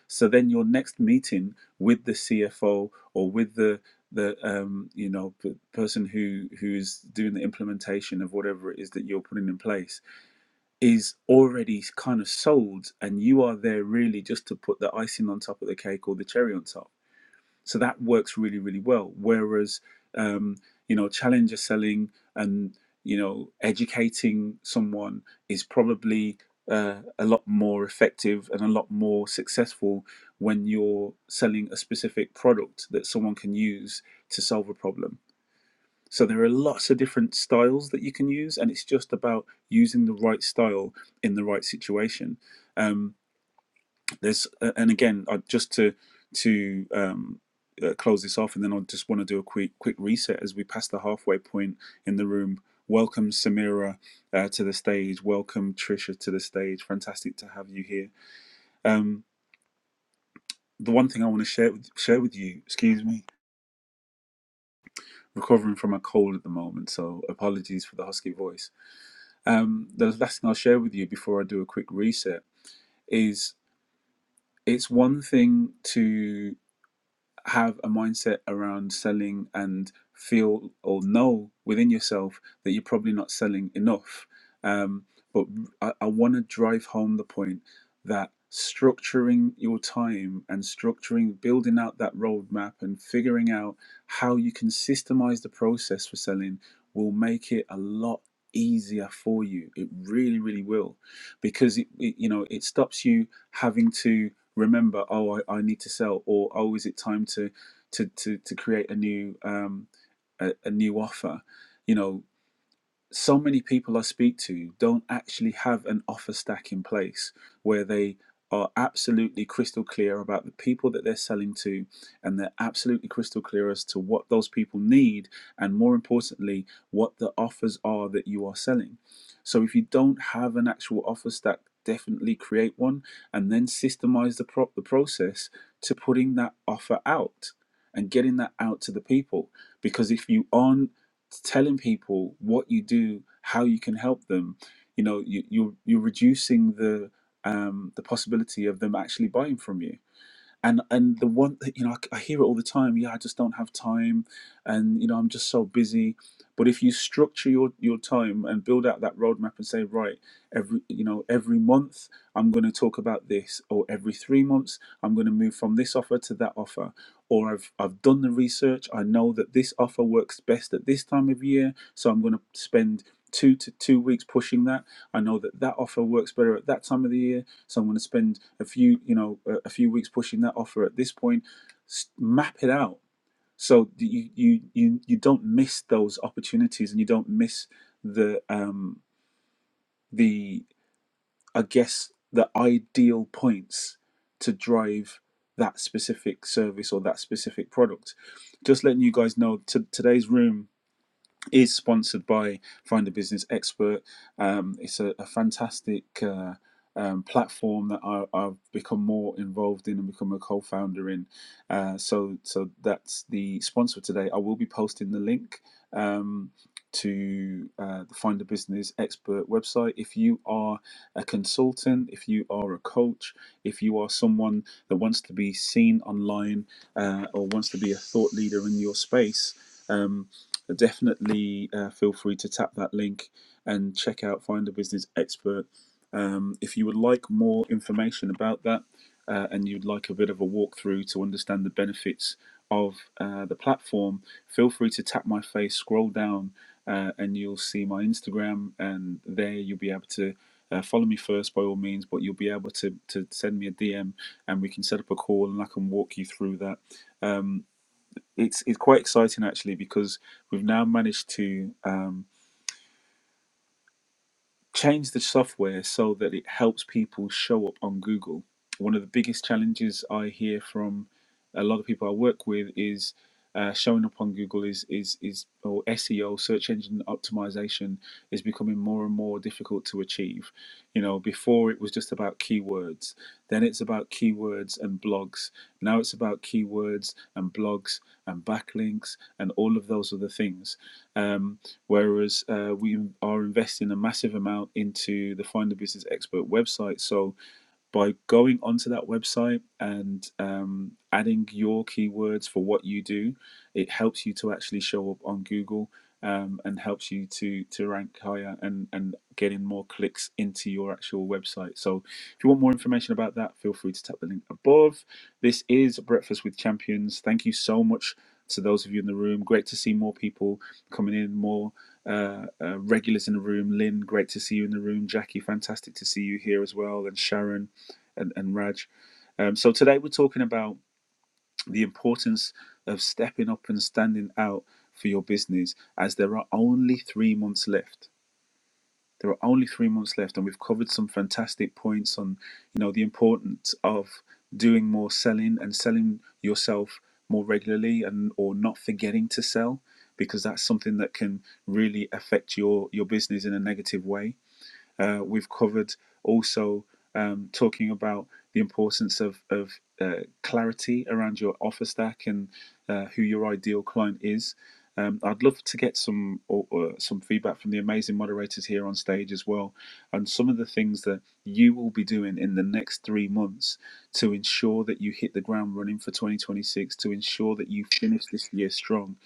Speaker 1: So then your next meeting with the CFO or with the the um, you know p- person who who is doing the implementation of whatever it is that you're putting in place is already kind of sold, and you are there really just to put the icing on top of the cake or the cherry on top so that works really, really well. Whereas, um, you know, challenger selling and, you know, educating someone is probably uh, a lot more effective and a lot more successful when you're selling a specific product that someone can use to solve a problem. So there are lots of different styles that you can use, and it's just about using the right style in the right situation. Um, there's uh, and again I, just to to um, uh, close this off and then i just want to do a quick quick reset as we pass the halfway point in the room welcome samira uh, to the stage welcome trisha to the stage fantastic to have you here um, the one thing i want to share with share with you excuse me recovering from a cold at the moment so apologies for the husky voice um, the last thing i'll share with you before i do a quick reset is it's one thing to. have a mindset around selling and feel or know within yourself that you're probably not selling enough. Um, but I, I want to drive home the point that structuring your time and structuring, building out that roadmap and figuring out how you can systemize the process for selling will make it a lot easier for you it really really will because it, it you know it stops you having to remember oh I, I need to sell or oh is it time to to to, to create a new um a, a new offer you know so many people I speak to don't actually have an offer stack in place where they are absolutely crystal clear about the people that they're selling to and they're absolutely crystal clear as to what those people need and more importantly what the offers are that you are selling so if you don't have an actual offer stack definitely create one and then systemize the pro- the process to putting that offer out and getting that out to the people because if you aren't telling people what you do, how you can help them, you know, you, you're you're reducing the um, the possibility of them actually buying from you and and the one that you know I, I hear it all the time yeah i just don't have time and you know i'm just so busy but if you structure your your time and build out that roadmap and say right every you know every month i'm going to talk about this or every three months i'm going to move from this offer to that offer or i've i've done the research i know that this offer works best at this time of year so i'm going to spend two to two weeks pushing that i know that that offer works better at that time of the year so I'm going to spend a few, you know, a, a few weeks pushing that offer at this point. S- map it out so that you you you you don't miss those opportunities and you don't miss the um the I guess the ideal points to drive that specific service or that specific product. Just letting you guys know, t- today's room is sponsored by Find a Business Expert. Um, it's a, a fantastic uh, um, platform that I, I've become more involved in and become a co-founder in. Uh, so, so that's the sponsor today. I will be posting the link um, to uh, the Find a Business Expert website. If you are a consultant, if you are a coach, if you are someone that wants to be seen online uh, or wants to be a thought leader in your space. um, definitely uh, feel free to tap that link and check out Find a Business Expert. Um, if you would like more information about that uh, and you'd like a bit of a walkthrough to understand the benefits of uh, the platform, feel free to tap my face, scroll down, uh, and you'll see my Instagram. And there you'll be able to uh, follow me first by all means, but you'll be able to, to send me a DM and we can set up a call and I can walk you through that. Um, it's it's quite exciting actually because we've now managed to um, change the software so that it helps people show up on Google. One of the biggest challenges I hear from a lot of people I work with is uh, showing up on Google is is is or SEO search engine optimization is becoming more and more difficult to achieve. You know, before it was just about keywords, then it's about keywords and blogs. Now it's about keywords and blogs and backlinks and all of those other things. Um, Whereas uh, we are investing a massive amount into the Find a Business Expert website. So by going onto that website and um, adding your keywords for what you do, it helps you to actually show up on Google um, and helps you to to rank higher and and get in more clicks into your actual website. So if you want more information about that, feel free to tap the link above. This is Breakfast with Champions. Thank you so much to those of you in the room. Great to see more people coming in, more uh, uh, regulars in the room. Lynn, great to see you in the room. Jackie, fantastic to see you here as well. And Sharon and, and Raj. Um, so today we're talking about the importance of stepping up and standing out for your business as there are only three months left. There are only three months left, and we've covered some fantastic points on, you know, the importance of doing more selling and selling yourself more regularly, and or not forgetting to sell because that's something that can really affect your your business in a negative way uh, we've covered also um, talking about the importance of, of uh, clarity around your offer stack and uh, who your ideal client is. Um, I'd love to get some or, or some feedback from the amazing moderators here on stage as well, and some of the things that you will be doing in the next three months to ensure that you hit the ground running for 2026, to ensure that you finish this year strong.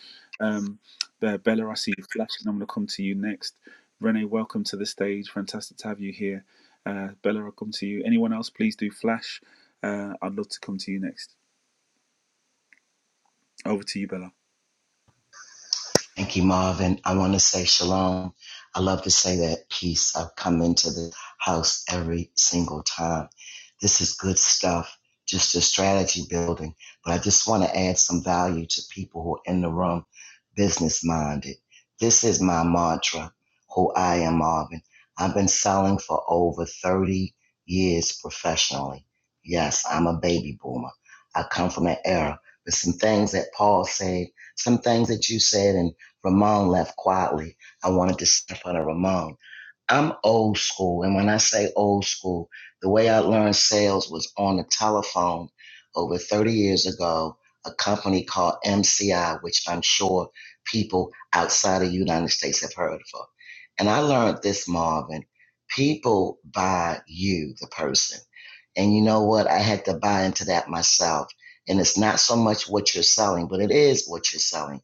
Speaker 1: Um, uh, Bella, I see you flashing. I'm going to come to you next. Renee, welcome to the stage. Fantastic to have you here. Uh, Bella, I'll come to you. Anyone else, please do flash. Uh, I'd love to come to you next. Over to you, Bella.
Speaker 5: Thank you, Marvin. I want to say shalom. I love to say that peace. I've come into the house every single time. This is good stuff, just a strategy building. But I just want to add some value to people who are in the room, business minded. This is my mantra, who I am, Marvin. I've been selling for over 30 years professionally. Yes, I'm a baby boomer. I come from an era. There's some things that Paul said, some things that you said, and Ramon left quietly. I wanted to sit in front of Ramon. I'm old school, and when I say old school, the way I learned sales was on the telephone over 30 years ago. A company called MCI, which I'm sure people outside of the United States have heard of. And I learned this, Marvin. People buy you, the person. And you know what? I had to buy into that myself. And it's not so much what you're selling, but it is what you're selling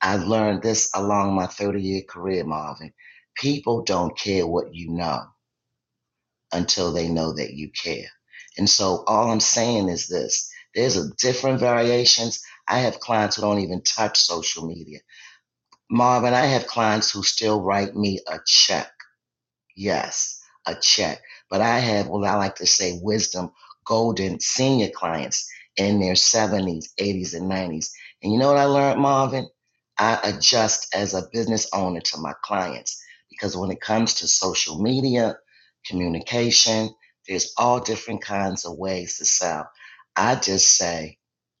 Speaker 5: I learned this along my 30 year career, Marvin. People don't care what you know until they know that you care. And so all I'm saying is this there's a different variations. I have clients who don't even touch social media. Marvin, I have clients who still write me a check Yes, a check. But I have what I like to say wisdom, golden senior clients in their 70s, 80s, and 90s. And you know what I learned, Marvin? I adjust as a business owner to my clients because when it comes to social media, communication, there's all different kinds of ways to sell. I just say,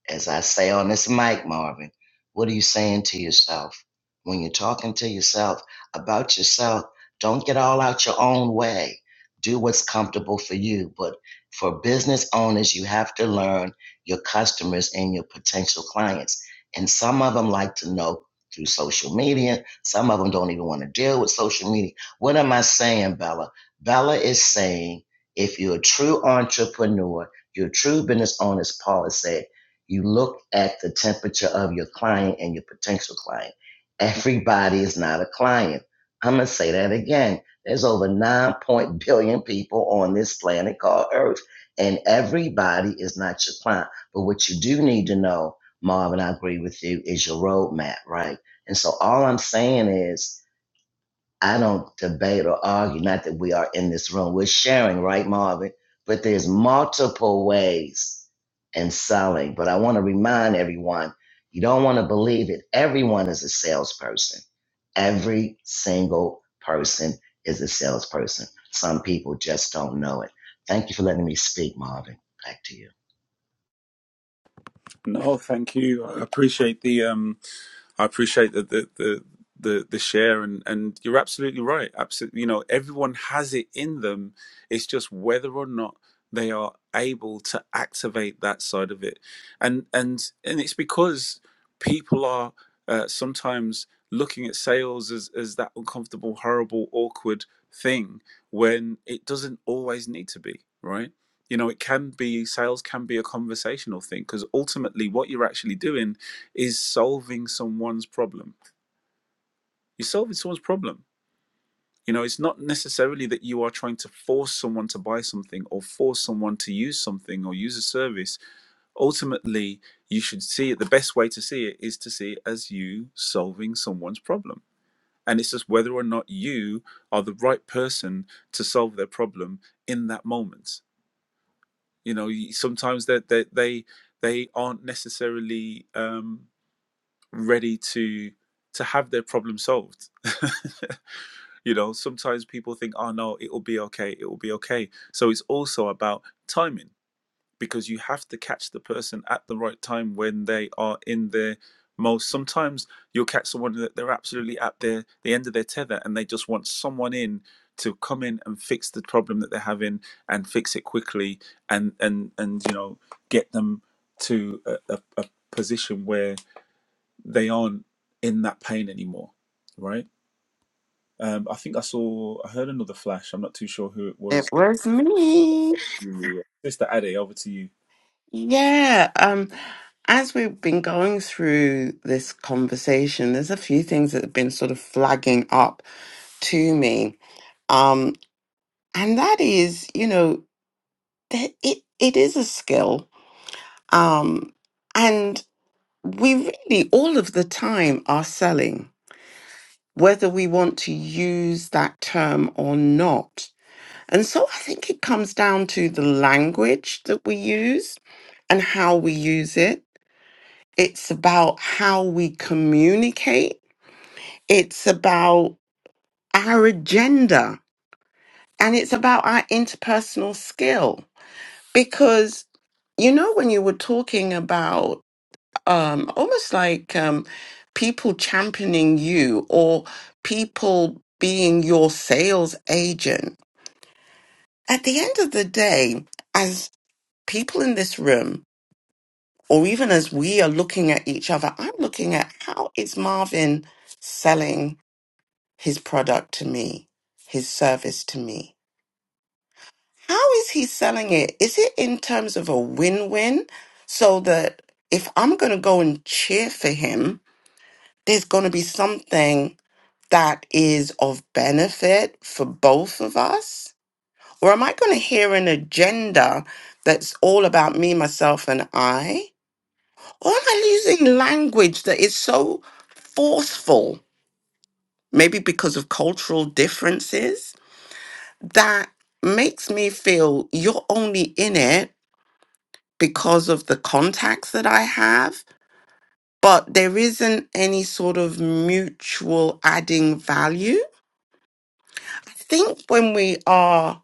Speaker 5: as I say on this mic, Marvin, what are you saying to yourself? When you're talking to yourself about yourself, don't get all out your own way. Do what's comfortable for you. But for business owners, you have to learn your customers and your potential clients. And some of them like to know through social media. Some of them don't even want to deal with social media. What am I saying, Bella? Bella is saying if you're a true entrepreneur, you're a true business owner, as Paula said, you look at the temperature of your client and your potential client. Everybody is not a client I'm going to say that again. There's over 9 point billion people on this planet called Earth, and everybody is not your client. But what you do need to know, Marvin, I agree with you, is your roadmap, right? And so all I'm saying is I don't debate or argue, not that we are in this room. We're sharing, right, Marvin? But there's multiple ways in selling. But I want to remind everyone, you don't want to believe it. Everyone is a salesperson. Every single person is a salesperson. Some people just don't know it. Thank you for letting me speak, Marvin. Back to you.
Speaker 1: No, thank you. I appreciate the um I appreciate the the the the, the share and and you're absolutely right. Absolutely, you know, everyone has it in them. It's just whether or not they are able to activate that side of it, and and and it's because people are uh, sometimes looking at sales as as that uncomfortable, horrible, awkward thing when it doesn't always need to be right. You know, it can be sales can be a conversational thing because ultimately, what you're actually doing is solving someone's problem. You're solving someone's problem. You know, it's not necessarily that you are trying to force someone to buy something or force someone to use something or use a service. Ultimately, you should see it. The best way to see it is to see it as you solving someone's problem. And it's just whether or not you are the right person to solve their problem in that moment. You know, sometimes that they, they they aren't necessarily. Um, ready to to have their problem solved *laughs* you know sometimes people think oh no it will be okay it will be okay so it's also about timing because you have to catch the person at the right time when they are in their most sometimes you'll catch someone that they're absolutely at their the end of their tether and they just want someone in to come in and fix the problem that they're having and fix it quickly and and and you know get them to a, a, a position where they aren't in that pain anymore, right? Um, I think I saw, I heard another flash. I'm not too sure who it
Speaker 2: It
Speaker 1: was.
Speaker 2: was me.
Speaker 1: Sister Ade, over to you.
Speaker 2: Yeah. Um, as we've been going through this conversation, there's a few things that have been sort of flagging up to me. Um, and that is, you know, that it, it is a skill. Um, and we really all of the time are selling, whether we want to use that term or not And so I think it comes down to the language that we use and how we use it. It's about how we communicate. It's about our agenda and it's about our interpersonal skill. Because, you know, when you were talking about um, almost like um, people championing you or people being your sales agent, at the end of the day, as people in this room, or even as we are looking at each other, I'm looking at how is Marvin selling his product to me, his service to me? How is he selling it? Is it in terms of a win win? So that if I'm going to go and cheer for him, there's going to be something that is of benefit for both of us? Or am I going to hear an agenda that's all about me, myself, and I? Or am I using language that is so forceful, maybe because of cultural differences, that makes me feel you're only in it because of the contacts that I have, but there isn't any sort of mutual adding value? I think when we are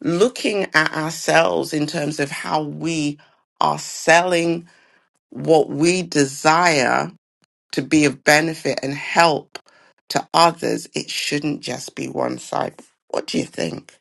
Speaker 2: looking at ourselves in terms of how we are selling what we desire to be of benefit and help to others, it shouldn't just be one side. What do you think?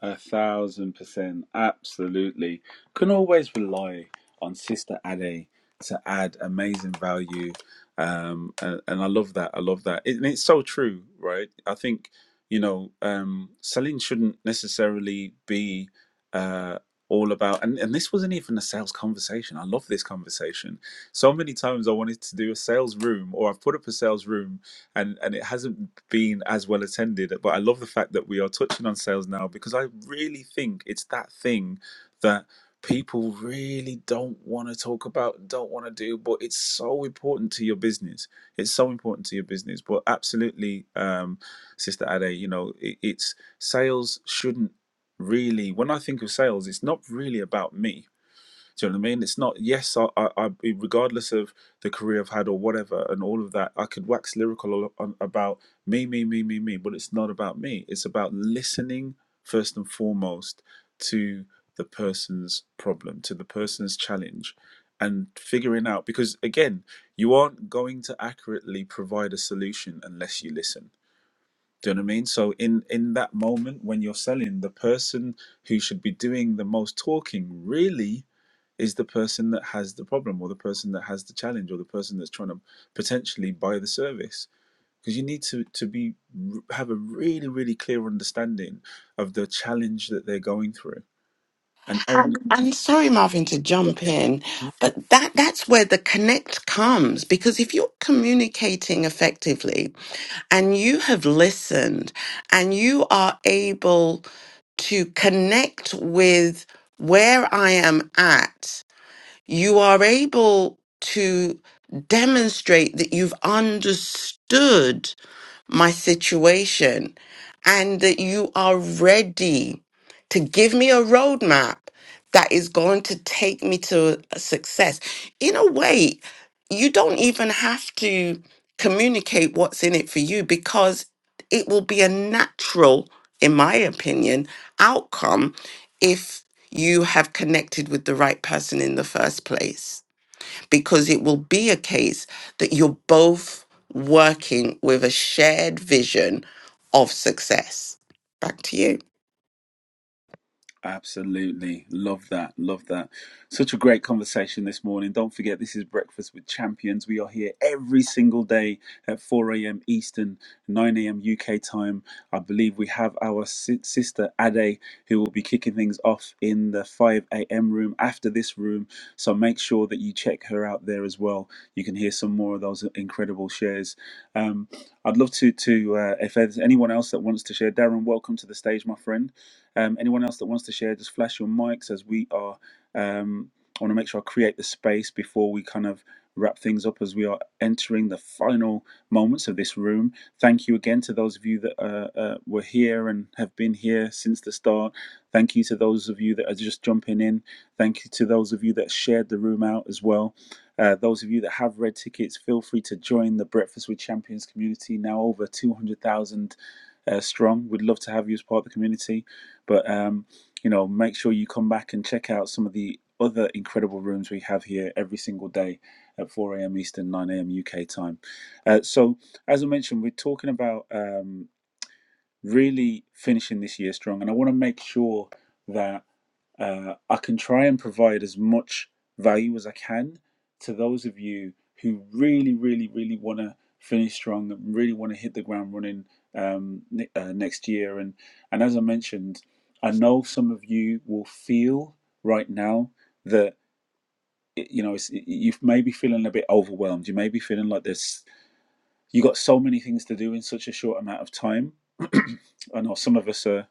Speaker 1: A thousand percent, absolutely. Can always rely on Sister Ade to add amazing value, um, and, and I love that. I love that, It- and it's so true, right? I think you know, um, selling shouldn't necessarily be uh, all about. And, and this wasn't even a sales conversation. I love this conversation. So many times I wanted to do a sales room, or I've put up a sales room and and it hasn't been as well attended. But I love the fact that we are touching on sales now because I really think it's that thing that people really don't want to talk about, don't want to do, but it's so important to your business. It's so important to your business. But absolutely, um, Sister Ade, you know, it, it's sales shouldn't really. When I think of sales, it's not really about me do you know what I mean? It's not, yes, I, I, I, regardless of the career I've had or whatever and all of that, I could wax lyrical on, about me, me, me, me, me, but it's not about me. It's about listening first and foremost to the person's problem, to the person's challenge, and figuring out because, again, you aren't going to accurately provide a solution unless you listen. Do you know what I mean? So in in that moment when you're selling, the person who should be doing the most talking really is the person that has the problem or the person that has the challenge or the person that's trying to potentially buy the service because you need to to be have a really really clear understanding of the challenge that they're going through and *laughs* own
Speaker 2: I'm I'm sorry, Marvin, to jump in, but that, that's where the connect comes because if you're communicating effectively and you have listened and you are able to connect with where I am at, you are able to demonstrate that you've understood my situation, and that you are ready to give me a roadmap that is going to take me to success. In a way, you don't even have to communicate what's in it for you because it will be a natural, in my opinion, outcome if you have connected with the right person in the first place because it will be a case that you're both working with a shared vision of success. Back to you.
Speaker 1: Absolutely. Love that. Love that. Such a great conversation this morning. Don't forget, this is Breakfast with Champions. We are here every single day at 4 a.m. Eastern, 9 a.m. UK time. I believe we have our si- sister Ade who will be kicking things off in the 5 a.m. room after this room. So make sure that you check her out there as well. You can hear some more of those incredible shares. Um, I'd love to, to uh, if there's anyone else that wants to share, Darren, welcome to the stage, my friend. Um, anyone else that wants to share, just flash your mics as we are. Um, I want to make sure I create the space before we kind of wrap things up as we are entering the final moments of this room. Thank you again to those of you that uh, uh, were here and have been here since the start. Thank you to those of you that are just jumping in. Thank you to those of you that shared the room out as well. Uh, those of you that have red tickets, feel free to join the Breakfast with Champions community, now over 200,000 uh, strong. We'd love to have you as part of the community. But um, you know, make sure you come back and check out some of the other incredible rooms we have here every single day at 4 a.m. Eastern, 9 a.m. UK time. Uh, so, as I mentioned, we're talking about. Um, really finishing this year strong. And I want to make sure that uh, I can try and provide as much value as I can to those of you who really, really, really want to finish strong and really want to hit the ground running um, uh, next year. And and as I mentioned, I know some of you will feel right now that you know it's, you may be feeling a bit overwhelmed. You may be feeling like this. You got so many things to do in such a short amount of time. *clears throat* I know some of us are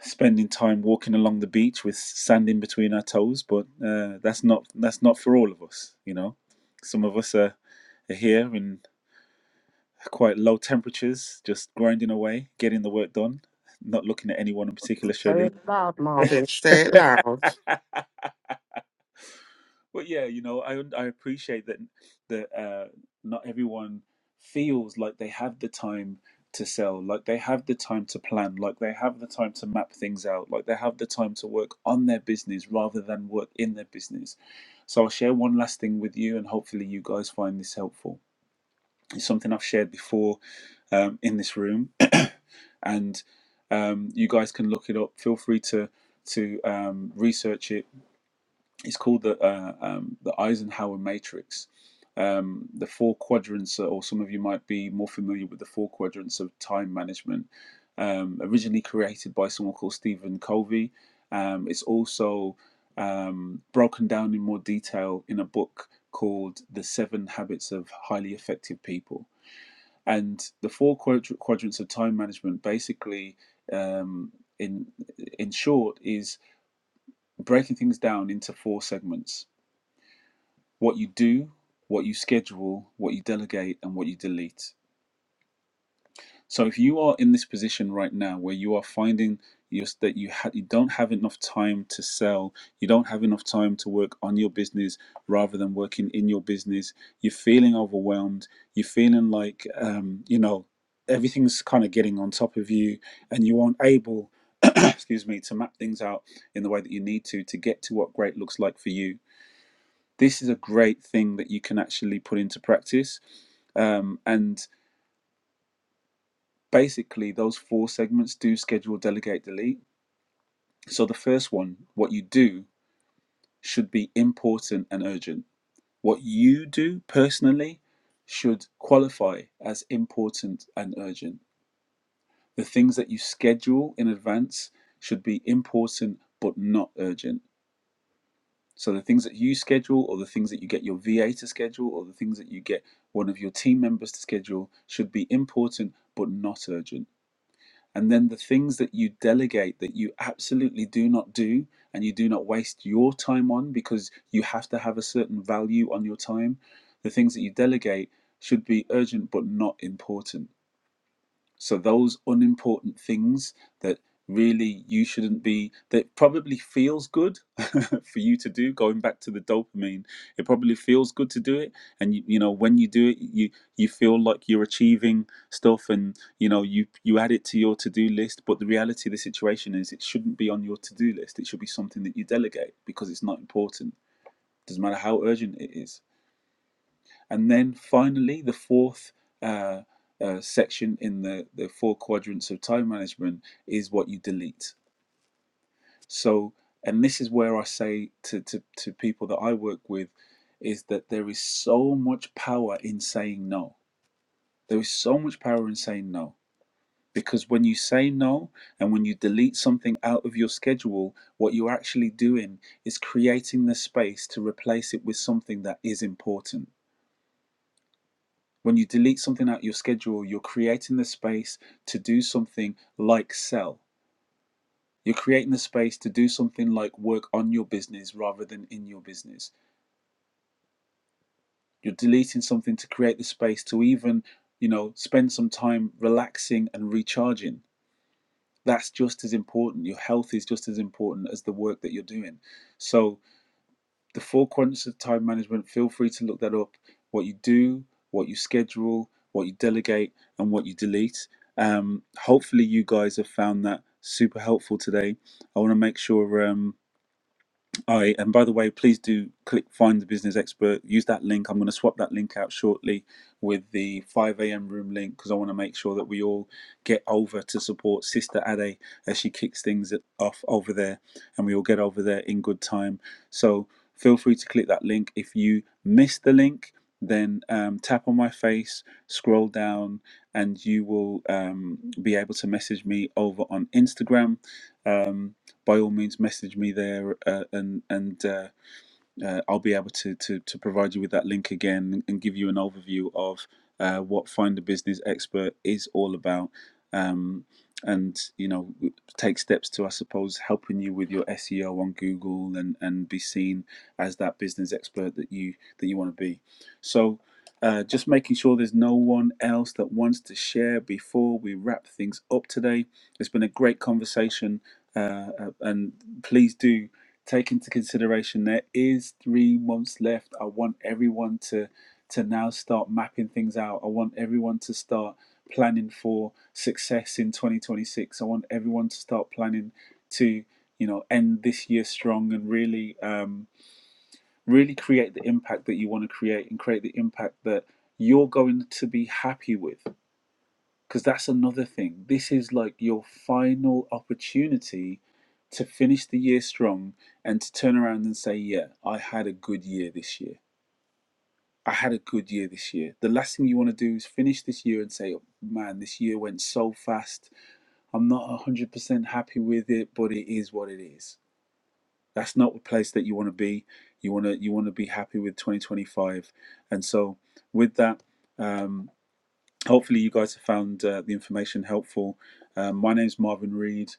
Speaker 1: spending time walking along the beach with sand in between our toes, but uh, that's not that's not for all of us, you know. Some of us are, are here in quite low temperatures, just grinding away, getting the work done, not looking at anyone in particular,
Speaker 2: Say
Speaker 1: Shirley.
Speaker 2: it loud, Marvin. Say it loud.
Speaker 1: *laughs* But yeah, you know, I I appreciate that that uh, not everyone feels like they have the time to sell, like they have the time to plan, like they have the time to map things out, like they have the time to work on their business rather than work in their business. So I'll share one last thing with you, and hopefully you guys find this helpful. It's something I've shared before um, in this room, *coughs* *clears throat* and um, you guys can look it up. Feel free to to um, research it it's called the uh, um, the Eisenhower matrix. Um, the four quadrants, uh, or some of you might be more familiar with the four quadrants of time management, um, originally created by someone called Stephen Covey. Um, it's also um, broken down in more detail in a book called The Seven Habits of Highly Effective People. And the four quadr- quadrants of time management basically, um, in in short, is breaking things down into four segments what you do, what you schedule, what you delegate, and what you delete. So if you are in this position right now where you are finding you that you ha- you don't have enough time to sell, you don't have enough time to work on your business rather than working in your business, you're feeling overwhelmed, you're feeling like um, you know everything's kind of getting on top of you, and you aren't able, *clears throat* excuse me, to map things out in the way that you need to to get to what great looks like for you this is a great thing that you can actually put into practice. Um, and basically, those four segments do schedule, delegate, delete. So, the first one, what you do should be important and urgent. What you do personally should qualify as important and urgent. The things that you schedule in advance should be important but not urgent. So the things that you schedule, or the things that you get your VA to schedule, or the things that you get one of your team members to schedule should be important but not urgent. And then the things that you delegate that you absolutely do not do and you do not waste your time on because you have to have a certain value on your time, the things that you delegate should be urgent but not important so those unimportant things that really you shouldn't be that probably feels good *laughs* for you to do going back to the dopamine it probably feels good to do it and you, you know when you do it you you feel like you're achieving stuff and you know you you add it to your to-do list but the reality of the situation is it shouldn't be on your to-do list it should be something that you delegate because it's not important doesn't matter how urgent it is and then finally, the fourth uh, uh, section in the, the four quadrants of time management is what you delete. So, and this is where I say to, to, to people that I work with is that there is so much power in saying no. There is so much power in saying no. Because when you say no and when you delete something out of your schedule, what you're actually doing is creating the space to replace it with something that is important When you delete something out of your schedule, you're creating the space to do something like sell. You're creating the space to do something like work on your business rather than in your business. You're deleting something to create the space to even, you know, spend some time relaxing and recharging. That's just as important. Your health is just as important as the work that you're doing. So, the four quadrants of time management, feel free to look that up. What you do, what you schedule, what you delegate, and what you delete. Um, hopefully, you guys have found that super helpful today. I want to make sure. Um, all right. And by the way, please do click find the business expert. Use that link. I'm going to swap that link out shortly with the 5 a.m. room link because I want to make sure that we all get over to support Sister Ade as she kicks things off over there and we all get over there in good time. So feel free to click that link. If you miss the link, then um, tap on my face, scroll down, and you will um, be able to message me over on Instagram. Um, by all means message me there uh, and and uh, uh, I'll be able to, to to provide you with that link again and give you an overview of uh, what Find a Business Expert is all about, um, and you know take steps to I suppose helping you with your SEO on Google and and be seen as that business expert that you that you want to be. So. Uh, just making sure there's no one else that wants to share before we wrap things up today. It's been a great conversation, uh, uh, and please do take into consideration there is three months left. I want everyone to to now start mapping things out. I want everyone to start planning for success in 2026. I want everyone to start planning to you know end this year strong and really um, really create the impact that you want to create and create the impact that you're going to be happy with because that's another thing. This is like your final opportunity to finish the year strong and to turn around and say, Yeah, I had a good year this year. I had a good year this year. The last thing you want to do is finish this year and say, Man, this year went so fast. I'm not 100% happy with it, but it is what it is. That's not the place that you want to be. You want to you want to be happy with 2025. And so with that, um, hopefully you guys have found uh, the information helpful um, my name's marvin reed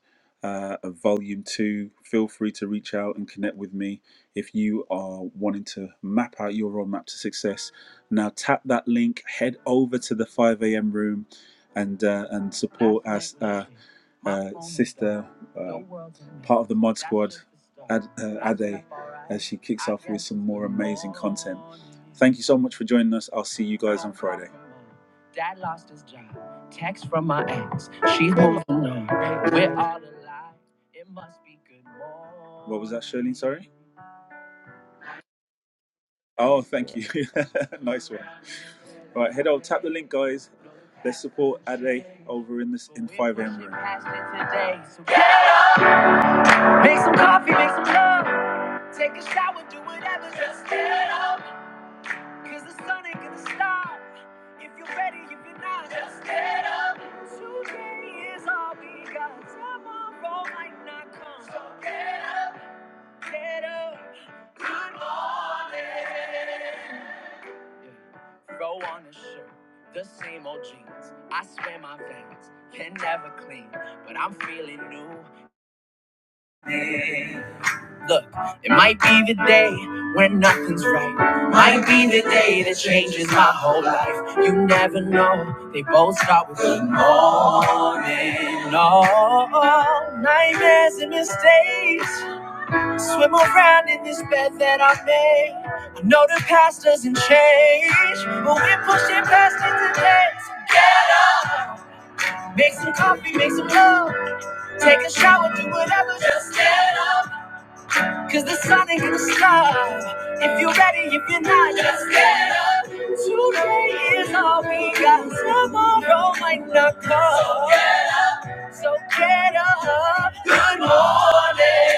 Speaker 1: uh, of volume 2 feel free to reach out and connect with me if you are wanting to map out your roadmap to success now tap that link head over to the 5am room and uh, and support us uh, uh, sister uh, part of the mod squad Ad, uh, ade as she kicks off with some more amazing content thank you so much for joining us i'll see you guys on friday Dad lost his job. Text from my ex. She's
Speaker 3: In my
Speaker 1: moving on. We're
Speaker 3: favorite.
Speaker 1: all alive. It must be good. What was that, Shirley? Sorry. Oh, thank you. *laughs* nice one. All right, head on. Tap the link, guys. Let's support Ade over in this in 5 a.m. room. Make some coffee, make some love. Take a shower, do whatever. Just get up. Cause the sun ain't gonna stop if you're ready, if you're not. Just get up. Today is all we got. Tomorrow might not come. So get up. Get up. Good morning. Yeah. Throw on a shirt, the same old jeans. I swear my veins can never clean, but I'm feeling new. Yeah. Look, it might be the day when nothing's right. Might be the day that changes my whole life. You never know. They both start with good morning. All nightmares and mistakes swim around in this bed that I made. I know the past doesn't change, but we're pushing past it today. So Make some coffee, make some love, take a shower, do whatever. Just get up. Cause the sun ain't gonna stop. If you're ready, if you're not, just get up. Today is all we got. Tomorrow might not come. So get up. Good morning.